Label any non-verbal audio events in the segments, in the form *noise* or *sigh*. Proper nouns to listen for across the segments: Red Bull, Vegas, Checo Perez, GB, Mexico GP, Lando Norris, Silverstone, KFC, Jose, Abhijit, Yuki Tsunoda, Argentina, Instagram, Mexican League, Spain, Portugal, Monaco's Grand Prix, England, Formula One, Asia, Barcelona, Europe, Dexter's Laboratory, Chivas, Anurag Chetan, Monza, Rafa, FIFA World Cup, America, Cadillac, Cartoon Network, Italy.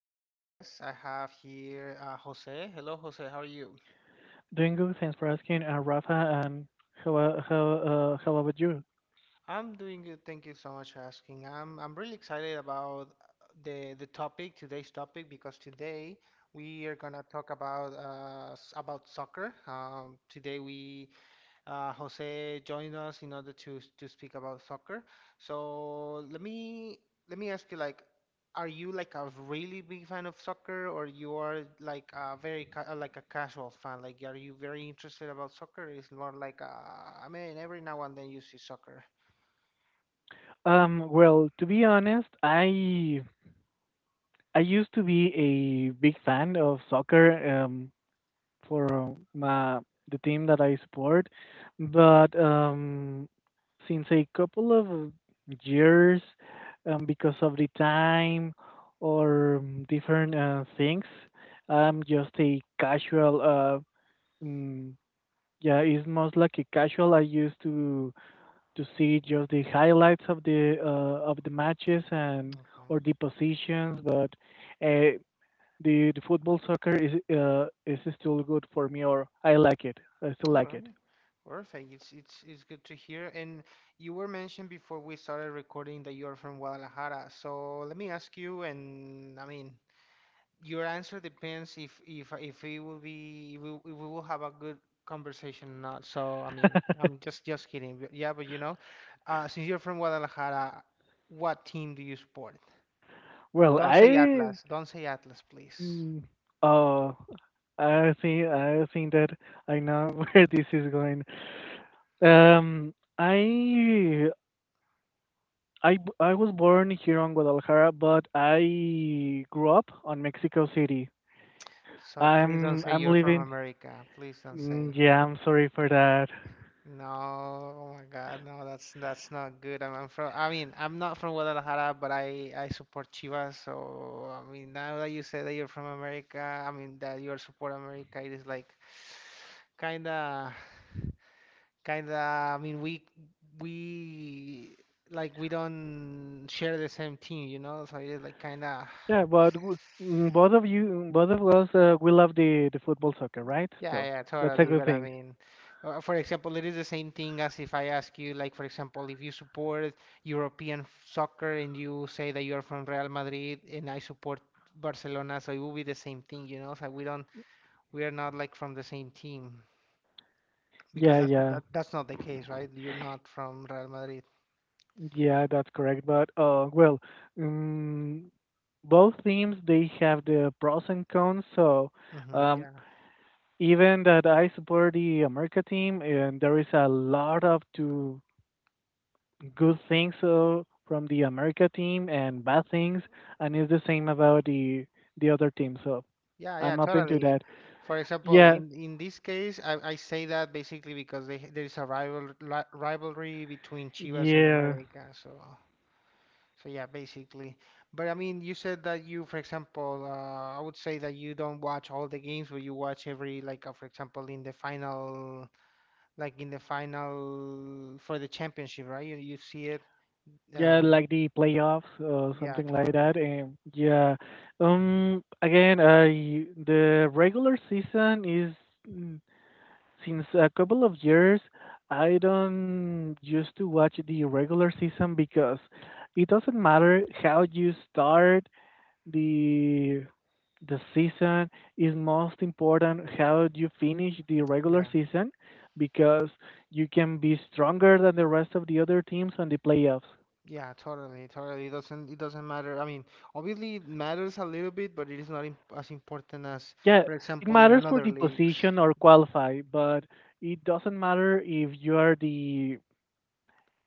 special guest. I have here Jose. Hello, Jose. How are you? Doing good, thanks for asking, Rafa. And how a- how how about you? I'm doing good. Thank you so much for asking. I'm really excited about the topic today's topic because today we are gonna talk about soccer. Today we Jose joined us in order to speak about soccer. So let me ask you, like, are you like a really big fan of soccer, or you are like a casual fan? Like, are you very interested about soccer? It's more like, I mean, every now and then you see soccer. Well, to be honest, I used to be a big fan of soccer, um, for my the team that I support, but since a couple of years, because of the time or different things, I'm just a casual mm, yeah, it's most like a casual. I used to see just the highlights of the matches and or Okay. the positions, but uh, the football soccer is still good for me, or I like it. I still All like it. right. Perfect. It's good to hear. And you were mentioned before we started recording that you're from Guadalajara. So let me ask you, and I mean, your answer depends if we will be if we will have a good conversation or not. So I mean, I'm just kidding. But yeah, but since you're from Guadalajara, what team do you support? Well, Don't say Atlas. Don't say Atlas, please. mm, uh I think that I know *laughs* where this is going. Um, I I was born here on Guadalajara, but I grew up on Mexico City. So please don't I'm say I'm you're from leaving. America. Please don't Mm, say. Yeah, I'm sorry for that. No, oh my God, no, that's not good. I'm from, I mean, I'm not from Guadalajara, but I support Chivas. So I mean, now that you say that you're from America, I mean that you are support America, it is like kinda, kinda. I mean, we like we don't share the same team. So it is like kinda. Yeah, but w- Both of you, both of us, we love the football soccer, right? Yeah, So yeah, that's a totally. good But I thing. mean, for example, it is the same thing as if I ask you, like, for example, if you support European soccer and you say that you're from Real Madrid and I support Barcelona, so it will be the same thing, you know? So we don't, we are not like from the same team because Yeah, that, yeah, that that's not the case, right? You're not from Real Madrid. yeah, that's correct. But um, both teams they have the pros and cons. So Hmm, um, yeah, even that I support the America team, and there is a lot of to good things from the America team and bad things, and it's the same about the other team. So yeah, yeah, I'm open to totally. that. For example, Yeah, in this case, I say that basically because there is a rivalry between Chivas and yeah, America. So. So yeah, basically. But I mean, you said that you, for example, I would say that you don't watch all the games, but you watch every, like, for example, in the final, like in the final for the championship, right? You see it. yeah, Um, like the playoffs or yeah, something like totally. that. And yeah, again, I the regular season is mm, since a couple of years. I don't used to watch the regular season because it doesn't matter how you start the the season is most important how you finish the regular Yeah, season because you can be stronger than the rest of the other teams on the playoffs. yeah, totally, totally. It doesn't matter. I mean, obviously it matters a little bit, but it is not imp as important as, Yeah, for it example, in matters for another the leagues. position or qualify, but it doesn't matter if you are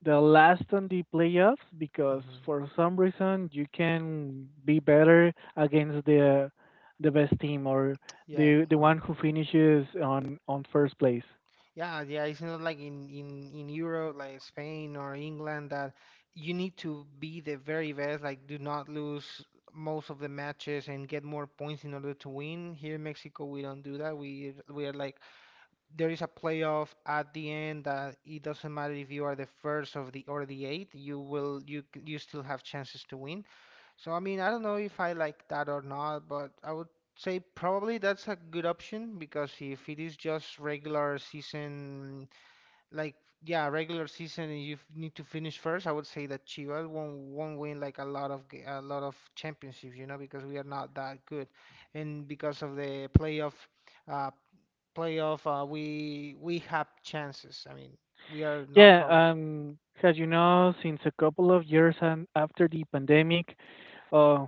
the last on the playoffs because Hmm. for some reason you can be better against the best team or Yeah, the one totally. who finishes on first place. Yeah, yeah, it's not like in Europe, like Spain or England, that you need to be the very best, like do not lose most of the matches and get more points in order to win. Here in Mexico, we don't do that. We are like there is a playoff at the end that it doesn't matter if you are the first of the or the eighth, you will you c- you still have chances to win. So I mean, I don't know if I like that or not, but I would say probably that's a good option because if it is just regular season, like yeah, regular season, and you need to finish first, I would say that Chivas won't win like a lot of championships, because we are not that good, and because of the playoff. Uh, Playoff, we have chances. I mean, we are not Yeah, problem. um, as you know, since a couple of years and after the pandemic, uh,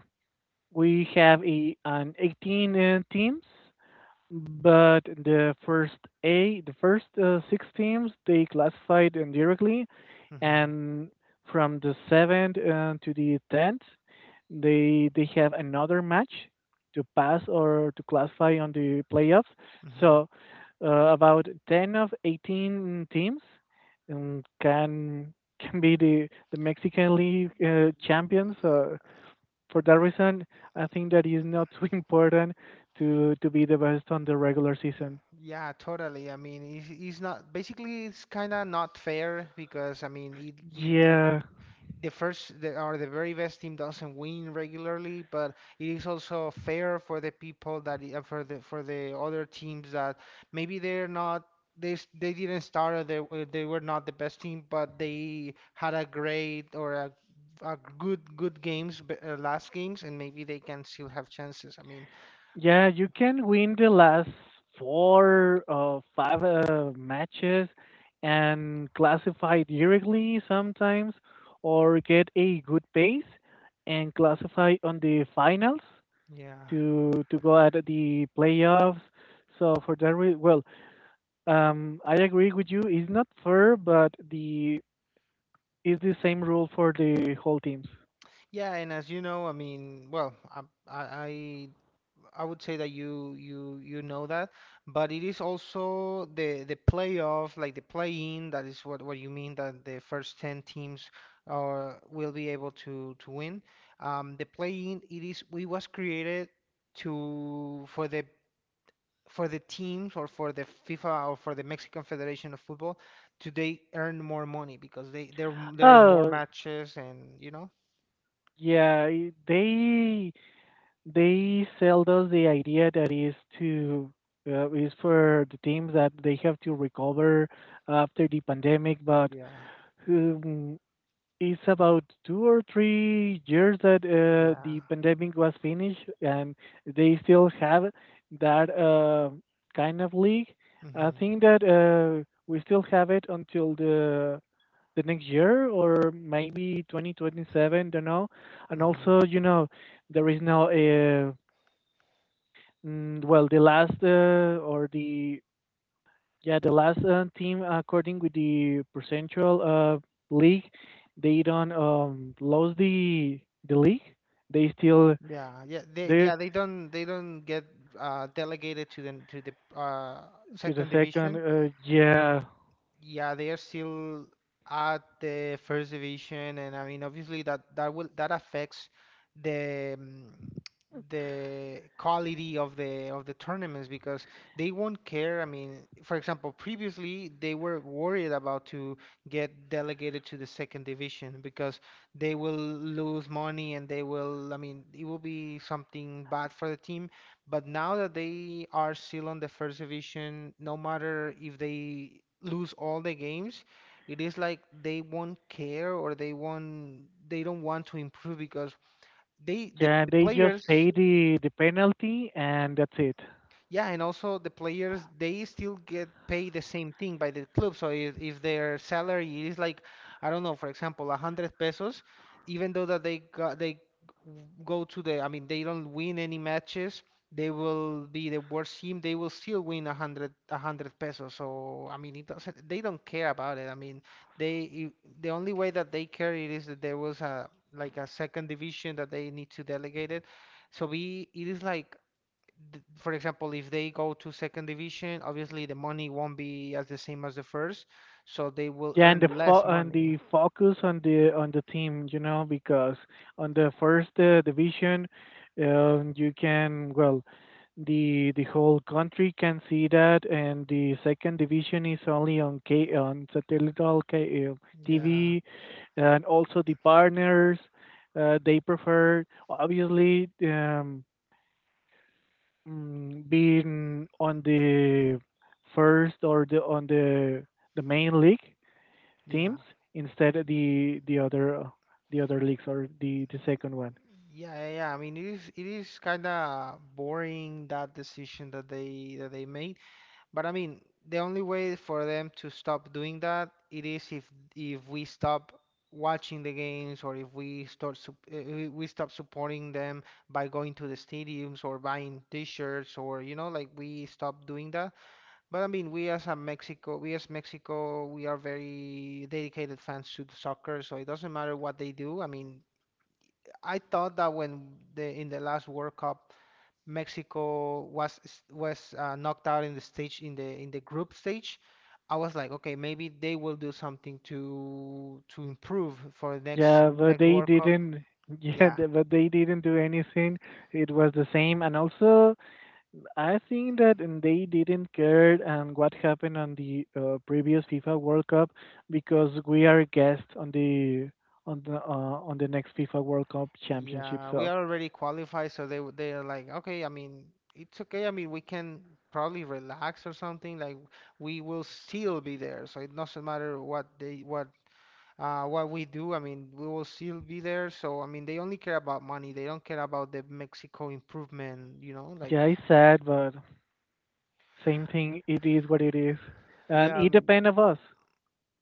we have an 18 teams. But the first six teams, they classified indirectly, Hmm. and from the seventh to the tenth, they have another match to pass or to classify on the playoffs. Hmm. So about ten of 18 teams can be the Mexican League champions. For that reason, I think that is not too *laughs* important to be the best on the regular season. Yeah, totally. I mean, it's not basically it's kind of not fair because I mean it. Yeah, The or the very best team doesn't win regularly, but it is also fair for the people that for the other teams that maybe they're not they didn't start or they were not the best team, but they had a great or a good games last games, and maybe they can still have chances. I mean, yeah, you can win the last four or five matches and classify directly sometimes, or get a good pace and classify on the finals yeah. To go at the playoffs. So for that, re- well, I agree with you. It's not fair, but the is the same rule for the whole teams. Yeah, and as you know, I mean, well, I, I I would say that you know that, but it is also the playoff, like the play-in, that is what you mean that the first 10 teams will be able to win. The play-in it was created to for the teams or for the FIFA or for the Mexican Federation of Football to they earn more money because they there are more Oh, matches and you know. yeah, i- they they sell us the idea that is to is for the teams that they have to recover after the pandemic, but. Yeah. Um, It's about 2 or 3 years that the Yeah. pandemic was finished, and they still have that kind of league. I Hmm. think that we still have it until the next year or maybe 2027. Don't know. And Hmm. also, you know, there is no the last or the yeah, the last team, according with the percentual league, they don't lose the league. They still Yeah, yeah, they they yeah they don't they don't get delegated to the to the second second. division. Yeah, Yeah, they are still at the first division, and I mean, obviously that affects the mm, the quality of the tournaments because they won't care. I mean, for example, previously they were worried about to get delegated to the second division because they will lose money and I mean, it will be something bad for the team. But now that they are still on the first division, no matter if they lose all the games, it is like they won't care or they don't want to improve because the, yeah. the They just players. pay the penalty and that's it. Yeah, and also the players they still get paid the same thing by the club. So if their salary is like, I don't know, for example, a hundred pesos, even though that they got, they go to the, I mean, they don't win any matches, they will be the worst team. They will still win a hundred pesos. So I mean, it doesn't. They don't care about it. I mean, they the only way that they care it is that there was a like a second division that they need to delegate it. So we it is like for example, if they go to second division, obviously the money won't be as the same as the first, so they will Yeah, and earn less and money. the focus on the team, you know, because on the first division, you can well the whole country can see that, and the second division is only on K on satellite K- uh, Yeah, TV, and also the partners they prefer obviously being on the first or the on the the main league teams yeah. instead of the other leagues or the Y- second one. Yeah, yeah, yeah. I mean, it is kind of boring that decision that they made. But I mean, the only way for them to stop doing that it is if we stop watching the games or if we stop supporting them by going to the stadiums or buying t-shirts or like we stop doing that. But I mean, we as Mexico, we are very dedicated fans to the soccer, so it doesn't matter what they do. I mean, I thought that when the in the last World Cup Mexico was knocked out in the stage in the group stage. I was like, okay, maybe they will do something to improve for the next Yeah, but next they World Cup. didn't. *laughs* Yeah, But they didn't do anything. It was the same, and also I think that they didn't care and what happened on the previous FIFA World Cup because we are guests on the on the on the next FIFA World Cup championship. yeah, we So are already qualified, so they are like, okay, I mean, it's okay. I mean, we can probably relax or something. Like we will still be there, so it doesn't matter what they what we do, I mean, we will still be there. So, I mean, they only care about money. They don't care about the Mexico improvement. yeah, it's sad, but same thing. It is what it is, and Yeah, I it mean, depends of us.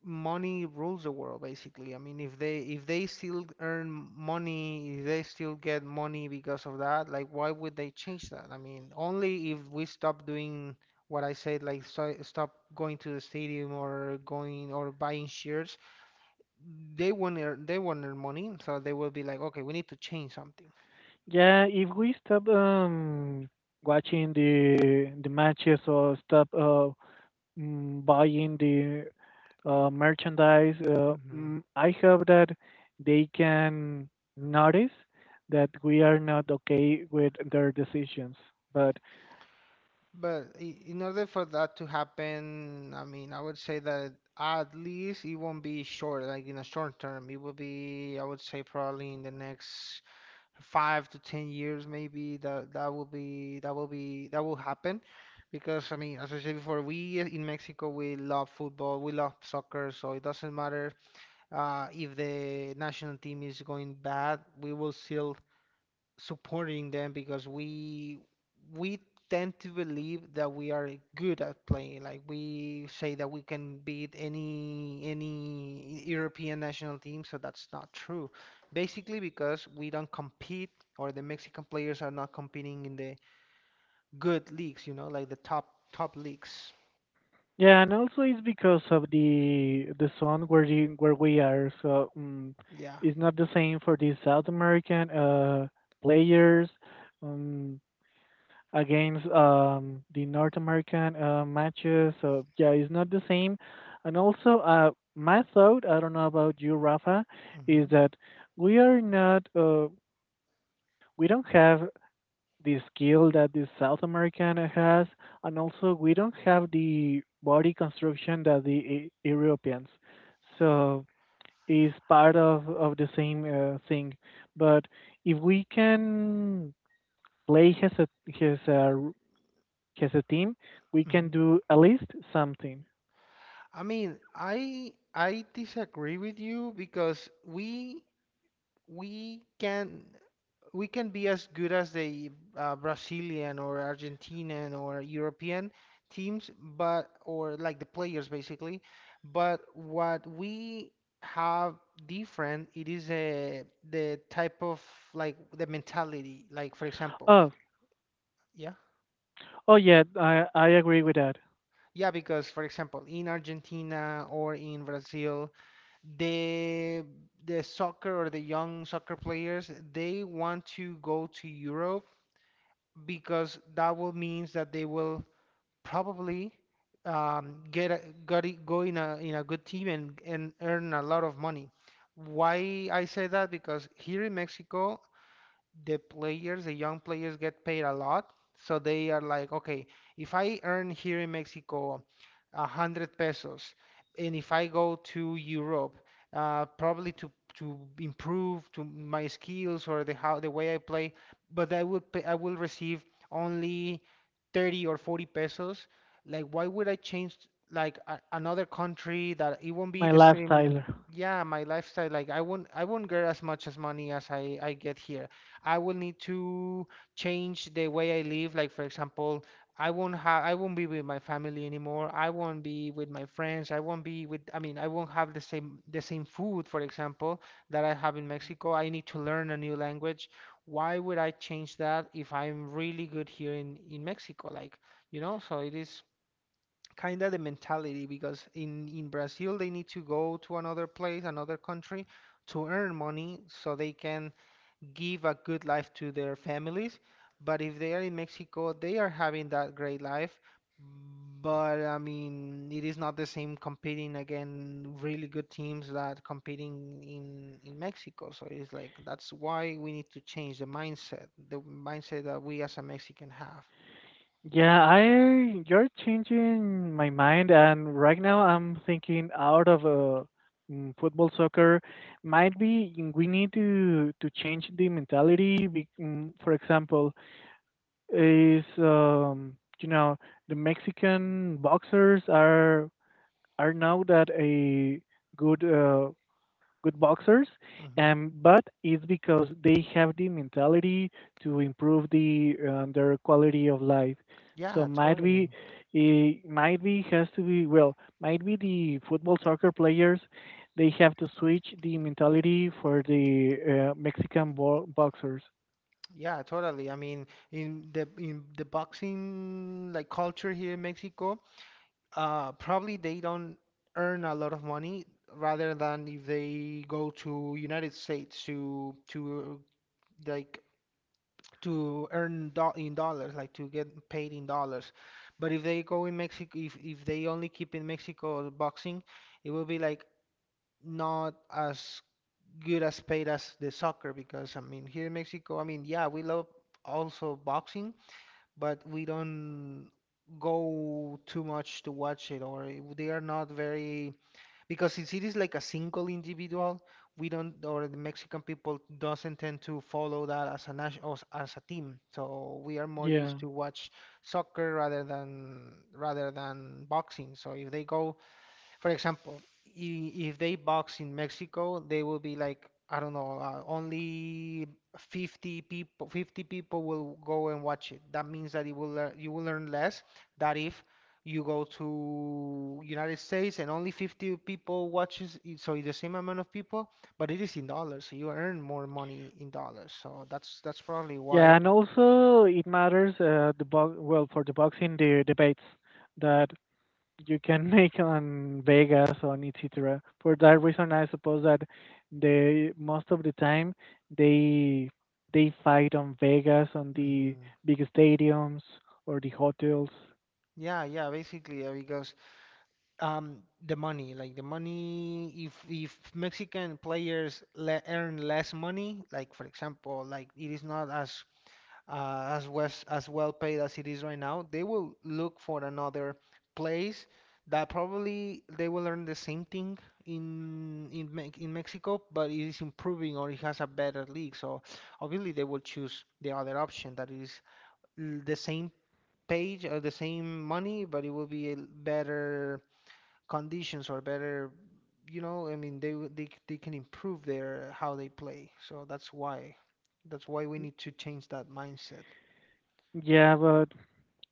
money rules the world basically. I mean, if they still earn money, if they still get money because of that, like, why would they change that? I mean, only if we stop doing what I said, like, so, stop going to the stadium or going or buying shares, they won't earn money, so they will be like, okay, we need to change something. Yeah, if we stop watching the matches or stop buying the merchandise, Hmm. I hope that they can notice that we are not okay with their decisions. But But in order for that to happen, I mean, I would say that at least it won't be short, like in a short term. It will be, I would say, probably in the next 5 to 10 years, maybe that will happen. Because I mean, as I said before, we in Mexico we love football, we love soccer, so it doesn't matter if the national team is going bad, we will still supporting them because we tend to believe that we are good at playing. Like we say that we can beat any European national team, so that's not true. Basically because we don't compete or the Mexican players are not competing in the good leagues, like the top leagues. yeah, and also it's because of the zone where the, where we are. So Yeah. it's not the same for the South American players. Um, against the North American matches. So yeah, it's not the same. And also, my thought, I don't know about you, Rafa, is Hmm. that we are not, we don't have the skill that the South American has, and also we don't have the body construction that the Europeans. So it's part of the same thing. But if we can play his, his uh, as a team, we can Hmm. do at least something. I mean, I disagree with you because we can. We can. Be as good as the Brazilian or Argentinian or European teams, but or like the players basically. But what we have different, it is a the type of like the mentality. Like for example, Oh, yeah, oh yeah, I agree with that. yeah, because for example, in Argentina or in Brazil, the the soccer or the young soccer players, they want to go to Europe because that will means that they will probably get a, got it, go in a good team and earn a lot of money. Why I say that? Because here in Mexico, the players, the young players get paid a lot. So they are like, okay, if I earn here in Mexico a hundred pesos, and if I go to Europe, probably to improve to my skills or the how the way I play, but I will pay, I will receive only 30 or 40 pesos. Like, why would I change like a, another country that it won't be My the same? lifestyle. Yeah, my lifestyle. Like, I won't get as much as money as I get here. I will need to change the way I live. Like for example, I won't be with my family anymore. I won't be with my friends. I mean, I won't have the same food, for example, that I have in Mexico. I need to learn a new language. Why would I change that if I'm really good here in Mexico? Like, you know, so it is kind of the mentality because in Brazil they need to go to another place, another country to earn money so they can give a good life to their families. But if they are in Mexico, they are having that great life. But I mean, it is not the same competing again really good teams that competing in Mexico. So it's like that's why we need to change the mindset that we as a Mexican have. Yeah, I you're changing my mind, and right now I'm thinking out of a football soccer. Might be, we need to change the mentality. For example, is you know the Mexican boxers are now that a good. Good boxers, Hmm. But it's because they have the mentality to improve the their quality of life. So Yeah, might be, totally. it might be has to be well, might be the football soccer players, they have to switch the mentality for the Mexican boxers. Yeah, totally. I mean, in the boxing like culture here in Mexico. Probably they don't earn a lot of money rather than if they go to United States to like to earn do in dollars, like to get paid in dollars. But if they go in Mexico, if they only keep in Mexico boxing, it will be like not as good as paid as the soccer because I mean here in Mexico, I mean yeah, we love also boxing, but we don't go too much to watch it or they are not very because since it is like a single individual, we don't, or the Mexican people doesn't tend to follow that as a nation, as, a team. So we are more Yeah. used to watch soccer rather than boxing. So if they go for example, if they box in Mexico, they will be like, I don't know, only 50 people, 50 people will go and watch it. That means that you will learn less than if you go to United States and only 50 people watches it, so it's the same amount of people, but it is in dollars, so you earn more money in dollars. So that's probably Yeah, why. and also it matters well for the boxing the debates that you can *laughs* make on Vegas on etc. For that reason, I suppose that they most of the time they they fight on Vegas on the Hmm. big stadiums or the hotels. Yeah, yeah, basically, because the money, like the money, if Mexican players le earn less money, like for example, like it is not as as wes as well paid as it is right now, they will look for another place that probably they will earn the same thing in Me in Mexico, but it is improving or it has a better league. So obviously they will choose the other option that is l- the same page or the same money, but it will be a l- better conditions are better. You know, I mean, they w- they c- they can improve their how they play. So that's why we need to change that mindset. Yeah, but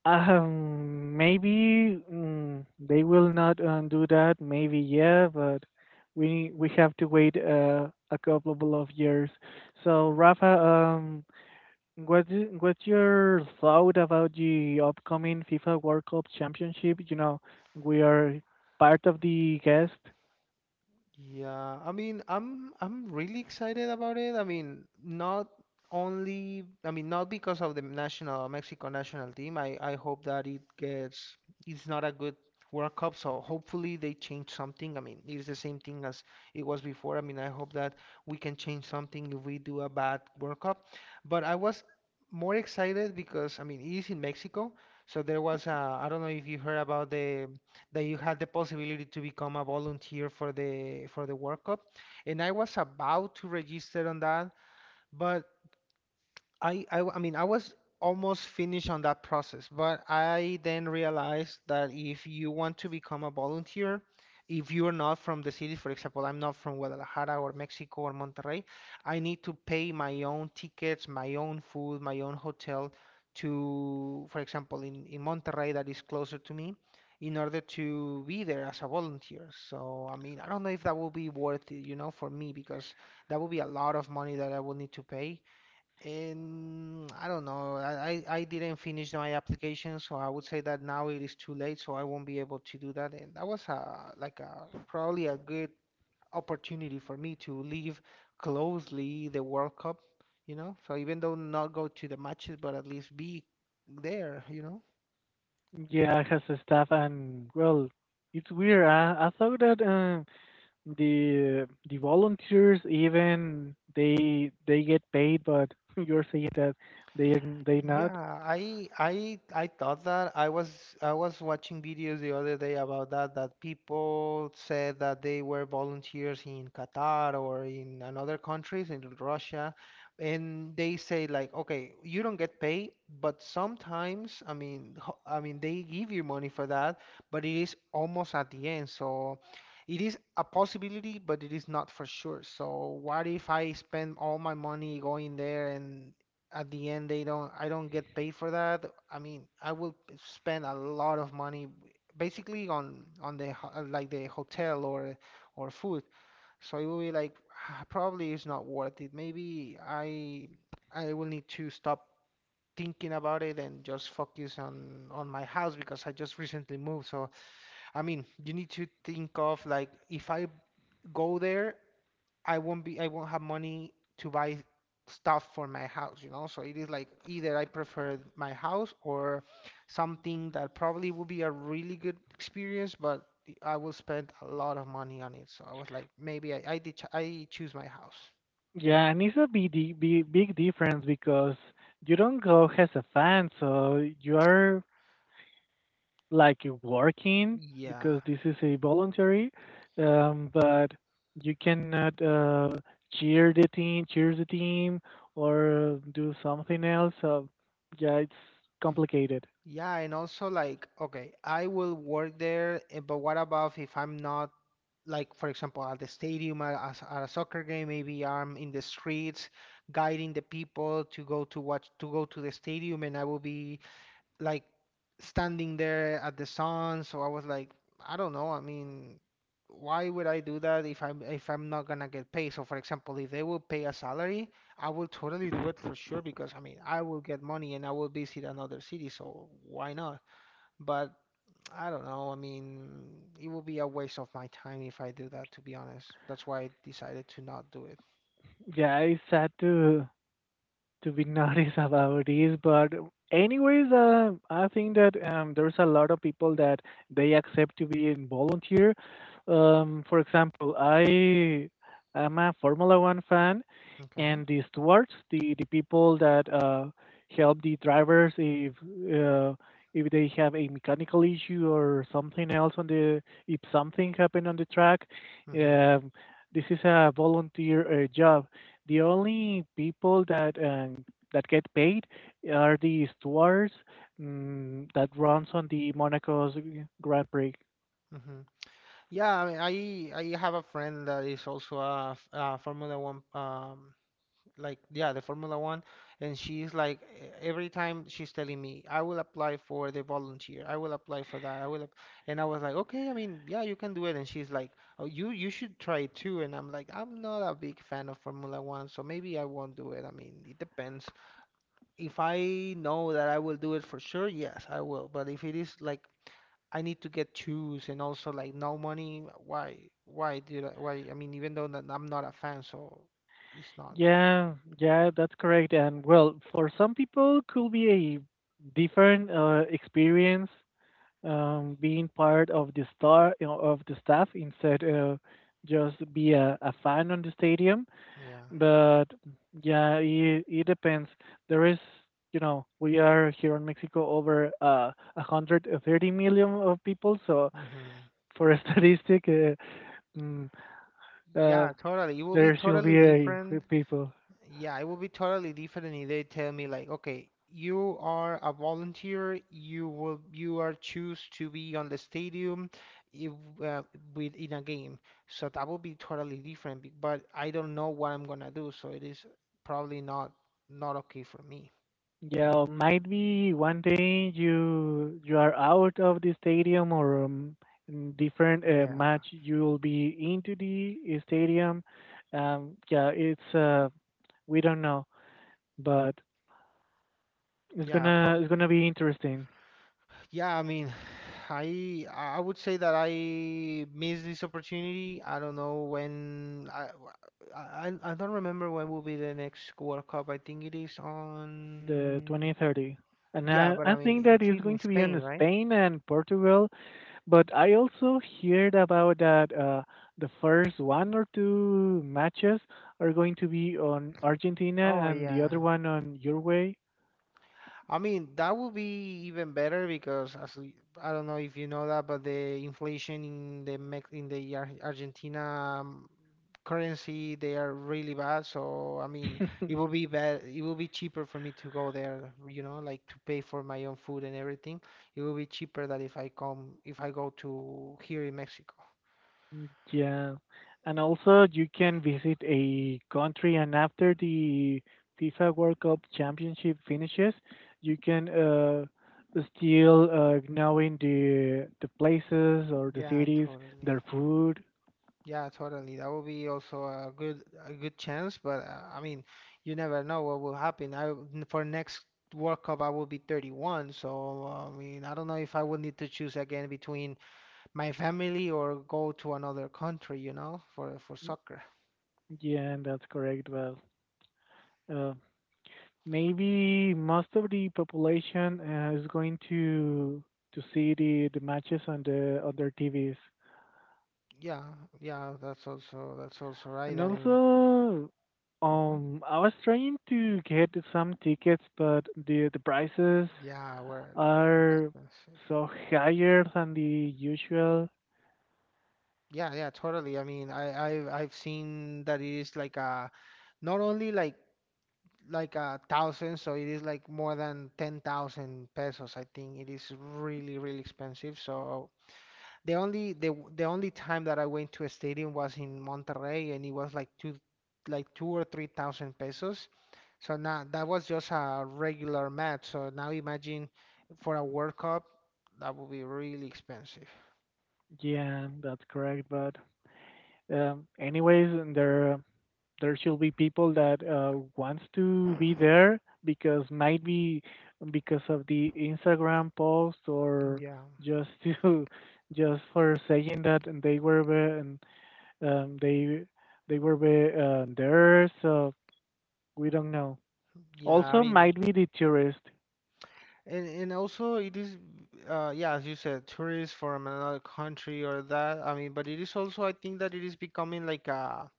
maybe, they will not do that. Maybe yeah, but we have to wait a couple of years. So Rafa, what's your thought about the upcoming FIFA World Cup Championship? You know, we are part of the guest. Yeah, I mean, I'm really excited about it. I mean, not only, I mean, not because of the national Mexico national team. I hope that it gets it's not a good World Cup, so hopefully they change something. I mean, it's the same thing as it was before. I mean, I hope that we can change something if we do a bad World Cup. But I was more excited because I mean, it is in Mexico, so there was a I don't know if you heard about the that you had the possibility to become a volunteer for the World Cup. And I was about to register on that, but I mean, I was almost finished on that process, but I then realized that if you want to become a volunteer, if you're not from the city, for example, I'm not from Guadalajara or Mexico or Monterrey, I need to pay my own tickets, my own food, my own hotel to, for example, in Monterrey that is closer to me, in order to be there as a volunteer. So, I mean, I don't know if that will be worth it, you know, for me, because that would be a lot of money that I will need to pay and I don't know. I didn't finish my application, so I would say that now it is too late, so I won't be able to do that. And that was a like a probably a good opportunity for me to live closely the World Cup, you know. So even though not go to the matches, but at least be there, you know. Yeah, has a staff, and well, it's weird. I thought that the volunteers even they get paid, but *laughs* you're saying that they not. Yeah, I thought that I was watching videos the other day about that people said that they were volunteers in Qatar or in another countries in Russia and they say like okay you don't get paid but sometimes I mean I mean they give you money for that but it is almost at the end so it is a possibility but it is not for sure so what if I spend all my money going there and at the end they don't I don't get paid for that. I mean, I will spend a lot of money basically on the like the hotel or food. So it will be like *sighs* probably it's not worth it. Maybe I will need to stop thinking about it and just focus on my house because I just recently moved. So I mean, you need to think of like if I go there, I won't have money to buy stuff for my house, you know? So it is like either I prefer my house or something that probably will be a really good experience, but I will spend a lot of money on it. So I was like, maybe I, did ch I choose my house, you know? Yeah, and it's a big big big difference because you don't go as a fan, so you are like working Yeah. because this is a voluntary, but you cannot cheer the team, or do something else. So yeah, it's complicated. Yeah, and also like, okay, I will work there, eh, but what about if I'm not like for example at the stadium a at a soccer game maybe I'm in the streets guiding the people to go to the stadium and I will be like standing there at the sun so I was like I don't know I mean why would I do that if I'm not gonna get paid so for example if they will pay a salary I will totally do it for sure because I mean I will get money and I will visit another city so why not but I don't know. I mean, it will be a waste of my time if I do that, to be honest. That's why I decided to not do it. Yeah, it's sad to be *laughs* noticed about this. But anyways, I think that there's a lot of people that they accept to be in volunteer. For example, I am a Formula One fan, Okay. and the stewards, the people that help the drivers uh, if they have a mechanical issue or something else on the if something happened on the track. Hmm. Um, this is a volunteer job the only people that that get paid are the stewards that runs on the Monaco's Grand Prix. Hmm. Yeah, I mean, I have a friend that is also a Formula One like yeah the Formula One and she's like every time she's telling me I will apply for the volunteer I will apply for that I will app-" and I was like okay I mean yeah you can do it and she's like oh you should try it too and I'm like I'm not a big fan of Formula One so maybe I won't do it I mean it depends if I know that I will do it for sure yes I will but if it is like I need to get shoes and also like no money why did I mean even though that I'm not a fan so it's not Yeah, yeah, that's correct. And well, for some people, could be a different experience being part of the star you know, of the staff instead just be a fan on the stadium. yeah. But yeah, it depends. There is, you know, we are here in Mexico over 130 million of people, so Hmm. for *laughs* a statistic, mm, uh, Yeah, totally. It will be there should totally be a few different. people. Yeah, it will be totally different if they tell me like, okay, you are a volunteer. You are choose to be on the stadium if, uh, with in a game. So that will be totally different. Be- But I don't know what I'm gonna do, so it is probably not not okay for me. You Yeah, know? or might be one day you you are out of the stadium or in different match Yeah, you'll be into the stadium. Yeah, it's we don't know, but yeah. Pro it's gonna be interesting. Yeah, I mean, I would say that I missed this opportunity. I don't know when I don't remember when will be the next World Cup. I think it is The on. 2030. And Yeah, but I I think mean, that it's is going in to be Spain, in right? Spain and Portugal, but I also heard about that the first one or two matches are going to be on Argentina Oh and the yeah. other one on Uruguay. I mean, that would be even better because I don't know if you know that, but the inflation in the Mex in the Ar Argentina um, currency, they are really bad. So I mean, it will be bad. It will be cheaper for me to go there, you know, like to pay for my own food and everything. It will be cheaper than if I come if I go to here in Mexico. Yeah, and also you can visit a country, and after the FIFA World Cup championship finishes, you can still knowing the places or the Yeah, cities, totally. their food. Yeah, totally. That would be also a good chance, but I mean, you never know what will happen. For next World Cup I will be 31, so I mean, I don't know if I would need to choose again between my family or go to another country, you know, for soccer. Yeah, that's correct. Well, uh, maybe most of the population is going to see the matches on the on their TVs. Yeah, yeah, that's also right. And I mean, also, uh I was trying to get some tickets, but the prices Yeah, where are expensive. so higher than the usual. Yeah, yeah, totally. I mean, I've seen that it is like a not only like a thousand, so it is like more than 10,000 pesos. I think it is really, really expensive. So the only time that I went to a stadium was in Monterrey, and it was like 2 or 3 thousand pesos. So now that was just a regular match. So now imagine for a World Cup, that would be really expensive. Yeah, that's correct. But anyways, and there should be people that wants to be there because might be because of the Instagram post or Yeah, just to *laughs* just for saying that and they were there. And Um, they they were way, there, so we don't know. yeah. I Also, mean. might be the tourist. And also it is yeah, as you said, tourists from another country or that. I mean, but it is also I think that it is becoming like a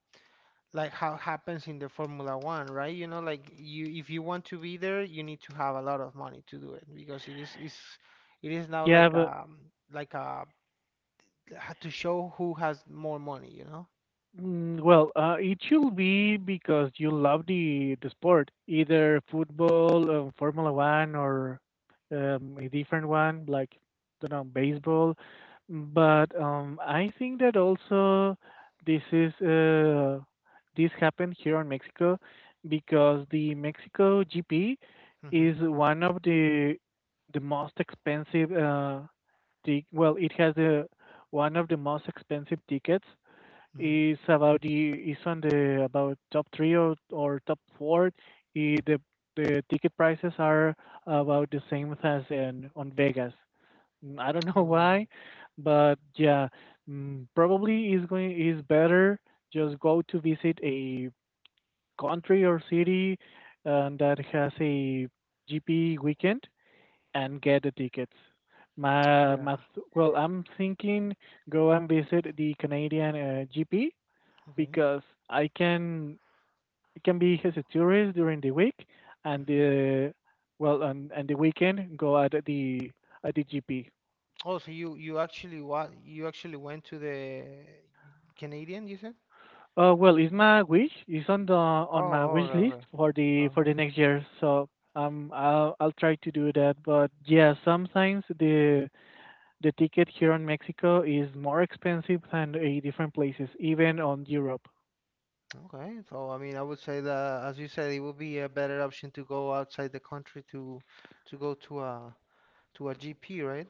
like how happens in the Formula One, right? You know, like you if you want to be there, you need to have a lot of money to do it because it is now Yeah, but. Like a to show who has more money, you know? Well, it should be because you love the sport, either football, Formula One, or a different one like don't know baseball. But I think that also this is uh, this happened here in Mexico because the Mexico GP Mm-hmm. is one of the most expensive well, it has the one of the most expensive tickets, Hmm. is about the, is on the about top three, or top four. I- the the ticket prices are about the same as in on Vegas. I don't *laughs* know Oh wow. why, but yeah, probably is better just go to visit a country or city, that has a GP weekend and get the tickets. Yeah. Well, I'm thinking go and visit the Canadian GP Okay. because I can it can be his tourist during the week and Hmm. the and the weekend go at the GP. Oh, so you actually what you actually went to the Canadian, you said? Well, it's my wish. It's on my Oh, wish okay, list okay. For the Okay, next year. So I'll try to do that. But yeah, sometimes the ticket here in Mexico is more expensive than in different places, even on Europe. Okay, so I mean, I would say that, as you said, it would be a better option to go outside the country to go to a GP, right?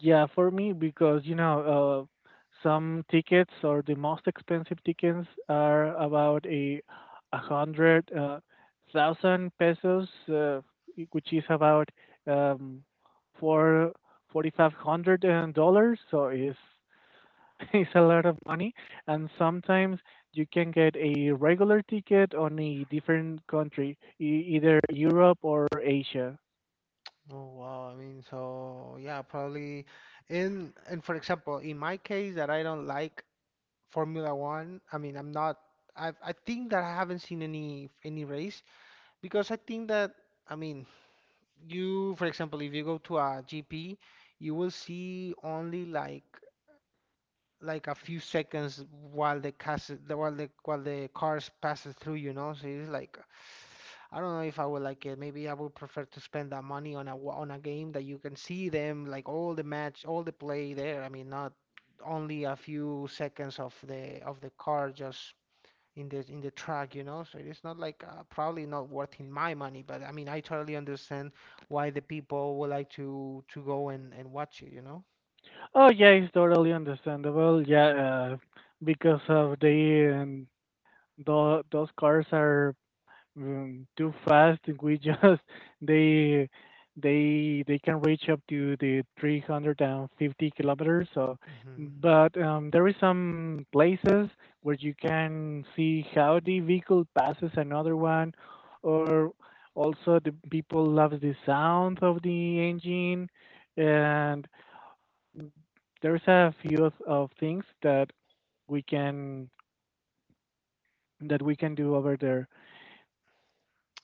Yeah, for me, because some tickets or the most expensive tickets are about a hundred thousand pesos, which is about um, four forty five hundred dollars. So it's *laughs* it's a lot of money, and sometimes you can get a regular ticket on a different country, either Europe or Asia. Oh, wow. I mean, so yeah, probably in and for example, in my case that I don't like Formula One, I mean, I think that I haven't seen any race because I think that I mean, you for example, if you go to a GP, you will see only like a few seconds while the cas while the cars passes through, you know. So it's like I don't know if I would like it. Maybe I would prefer to spend that money on on a game that you can see them like all the match, all the play there. I mean, not only a few seconds of the car just in the track, you know. So it's not like probably not worth in my money, but I mean, I totally understand why the people would like to go and watch it, you know. Oh yeah, it's totally understandable. Yeah, because of those cars are too fast. We just *laughs* they they can reach up to the 350 kilometers. So, Hmm. but there is some places where you can see how the vehicle passes another one, or also the people love the sound of the engine and there's a few of things we can that we can do over there.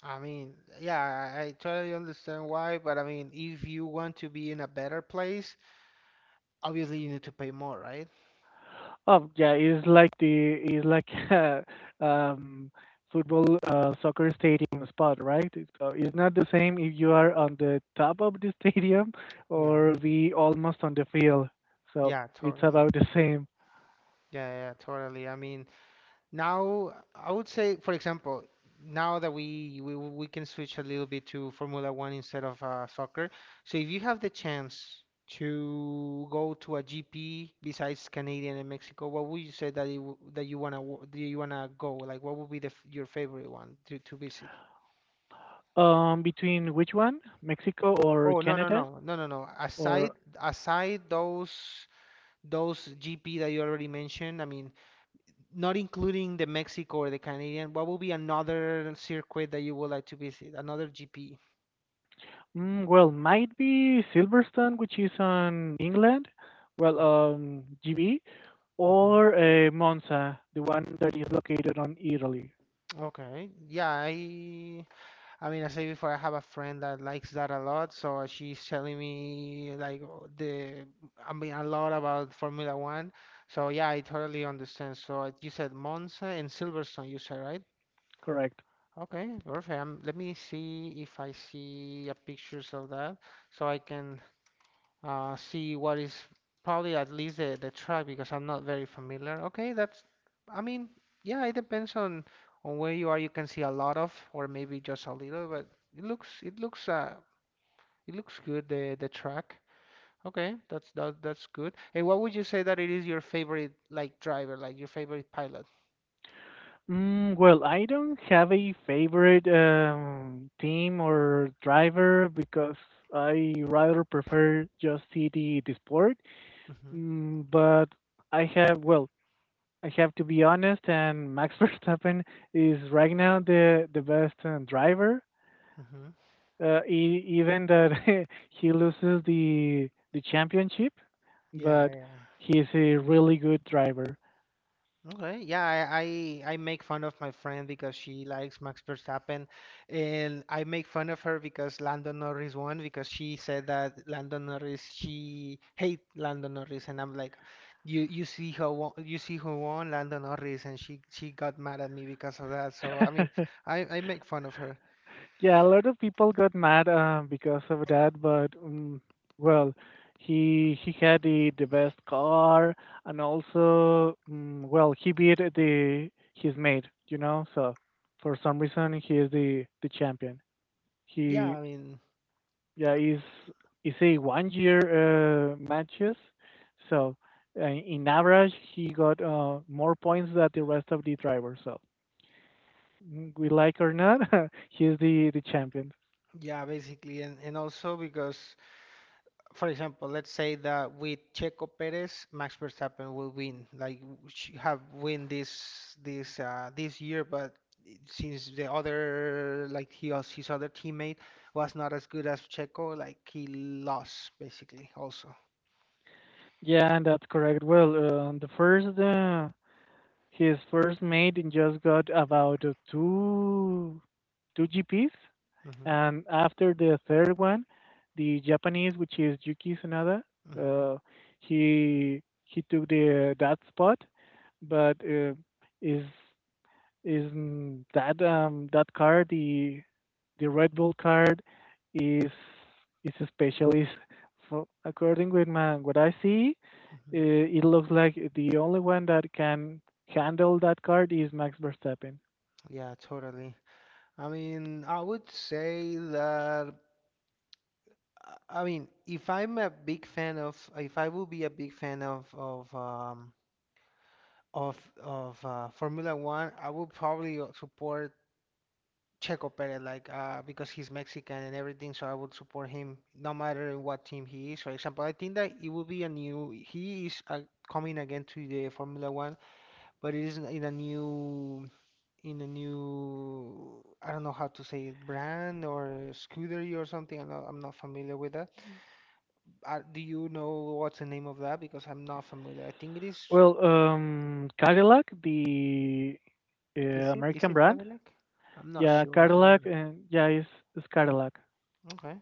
I mean, yeah, I totally understand why, but I mean, if you want to be in a better place, obviously you need to pay more, right? Oh yeah, it's like *laughs* a um, football soccer stadium spot, right? So it's not the same if you are on the top of the *laughs* stadium Yeah, or be almost on the field. So yeah, it's totally. about the same. Yeah, yeah, totally. I mean, now I would say, for example, now that we can switch a little bit to Formula One instead of soccer. So if you have the chance to go to a GP besides Canadian and Mexico, what would you say that you wanna do you wanna go? Like, what would be your favorite one to visit? Between which one, Mexico or Oh no no Canada, no no no no. Or Aside those GP that you already mentioned, I mean, not including the Mexico or the Canadian, what would be another circuit that you would like to visit? Another GP. Well, might be Silverstone, which is on England. Well, Okay. GB, Hmm. or Monza, the one that is located on Italy. Okay. Yeah, I mean, I said before, I have a friend that likes that a lot, so she's telling me like o- the I mean a lot about Formula One. So yeah, I totally understand. So you said Monza and Silverstone, you said, right? Correct. Okay, perfect. Let me see if I see a pictures of that so I can see what is probably at least the track because I'm not very familiar. Okay, I mean, yeah, it depends on where you are. You can see a lot of or maybe just a little, but it looks it looks uh it looks good the track. Okay, that's good. And what would you say that it is your favorite like driver, like your favorite pilot? Well, I don't have a favorite team or driver because I rather prefer just see the sport. Mm-hmm. But well, I have to be honest, and Max *laughs* Verstappen is right now the best driver. Mm-hmm. Even that *laughs* he loses the championship, Yeah, but yeah. he's a really good driver. Okay, yeah, I make fun of my friend because she likes Max Verstappen, and I make fun of her because Lando Norris won because she said that Lando Norris she hate Lando Norris, and I'm like, you see who won, you see who won Lando Norris, and she got mad at me because of that. So I mean, *laughs* I make fun of her. Yeah, a lot of people got mad because of that, but well, he had the best car, and also well, he beat the his mate. So for some reason, he is the champion. Yeah, He I mean, Yeah, it's a one year matches, so in average he got more points than the rest of the drivers. So we like or not, *laughs* he's the champion. yeah, basically, and also because. For example, let's say that with Checo Perez, Max Verstappen will win. Like have win this this year, but since the other like his other teammate was not as good as Checo, like he lost basically also. Yeah, and that's correct. Well, the first his first mate just got about two GPs. Hmm. And after the third one, the Japanese, which is Yuki Tsunada, Hmm. uh, he took the that spot, but is is mm, that that car, the Red Bull card is is a specialist for according with my what I see. Hmm. It looks like the only one that can handle that card is Max Verstappen. Yeah, totally. I mean, I would say that. I mean, if I'm a big fan of, if I will be a big fan of of of Formula One, I would probably support Checo Perez, like because he's Mexican and everything. So I would support him no matter what team he is. For example, I think that it will be a new. He is coming again to the Formula One, but it is in a new. I don't know how to say it, brand or scudery or something. I'm not familiar with that. Do you know what's the name of that? Because I'm not familiar. I think it is. Well, Cadillac, the Is it? Is American it brand. Cadillac? I'm not Yeah, sure to be Cadillac, honest. and yeah, it's Cadillac. Okay.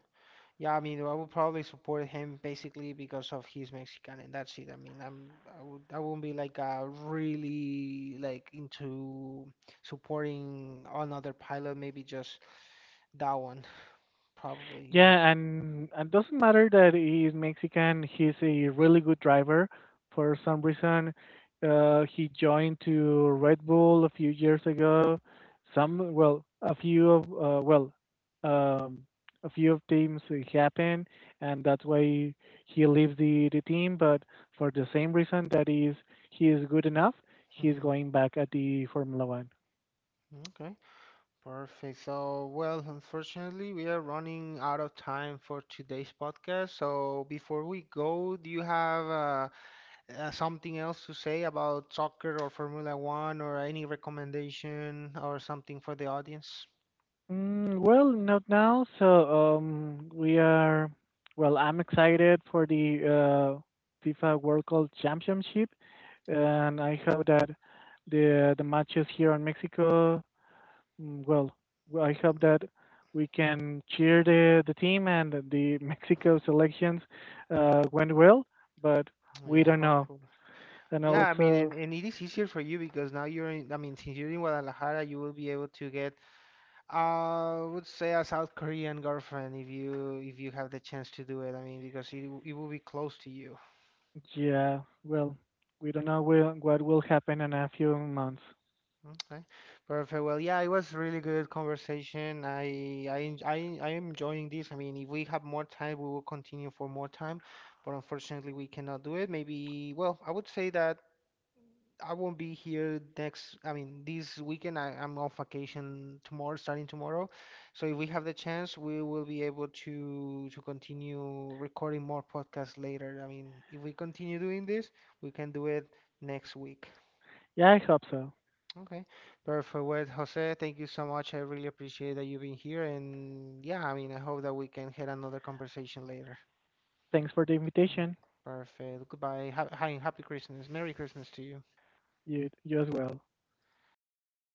Yeah, I mean, I would probably support him basically because of he's Mexican, and that's it. I mean, I'm I would I wouldn't be like really like into supporting another pilot, maybe just that one, probably. Yeah. Yeah, and it doesn't matter that he's Mexican. He's a really good driver. For some reason, he joined to Red Bull a few years ago. Well, um, a few of teams happen, and that's why he leaves the team. But for the same reason that is he is good enough, he's Mhm. going back at the Formula One. Okay. Perfect. So, well, unfortunately, we are running out of time for today's podcast. So, before we go, do you have something else to say about soccer or Formula One or any recommendation or something for the audience? Well, not now. So we are. Well, I'm excited for the FIFA World Cup Championship, and I hope that the matches here in Mexico. Well, I hope that we can cheer the team and the *laughs* Mexico selections went well, but we Yeah, don't know. hopefully. And Yeah, I mean, also, and it is easier for you because now you're in, I mean, since you're in Guadalajara, you will be able to get, I would say, a South Korean girlfriend if you have the chance to do it. I mean, because it will be close to you. yeah, well, we don't know what will happen in a few months. Okay. Perfect. Well, yeah, it was really good conversation. I am enjoying this. I mean, if we have more time, we will continue for more time, but unfortunately, we cannot do it. Maybe, well, I would say that I won't be I mean, this weekend. I'm on vacation tomorrow, starting tomorrow. So if we have the chance, we will be able to continue recording more podcasts later. I mean, if we continue doing this, we can do it next week. Yeah, I hope so. Okay, perfect. Well, Jose, thank you so much. I really appreciate that you've been here. And yeah, I mean, I hope that we can have another conversation later. Thanks for the Uh, invitation. Perfect. Goodbye. Hi, happy Christmas. Merry Christmas to you. You as well. Okay.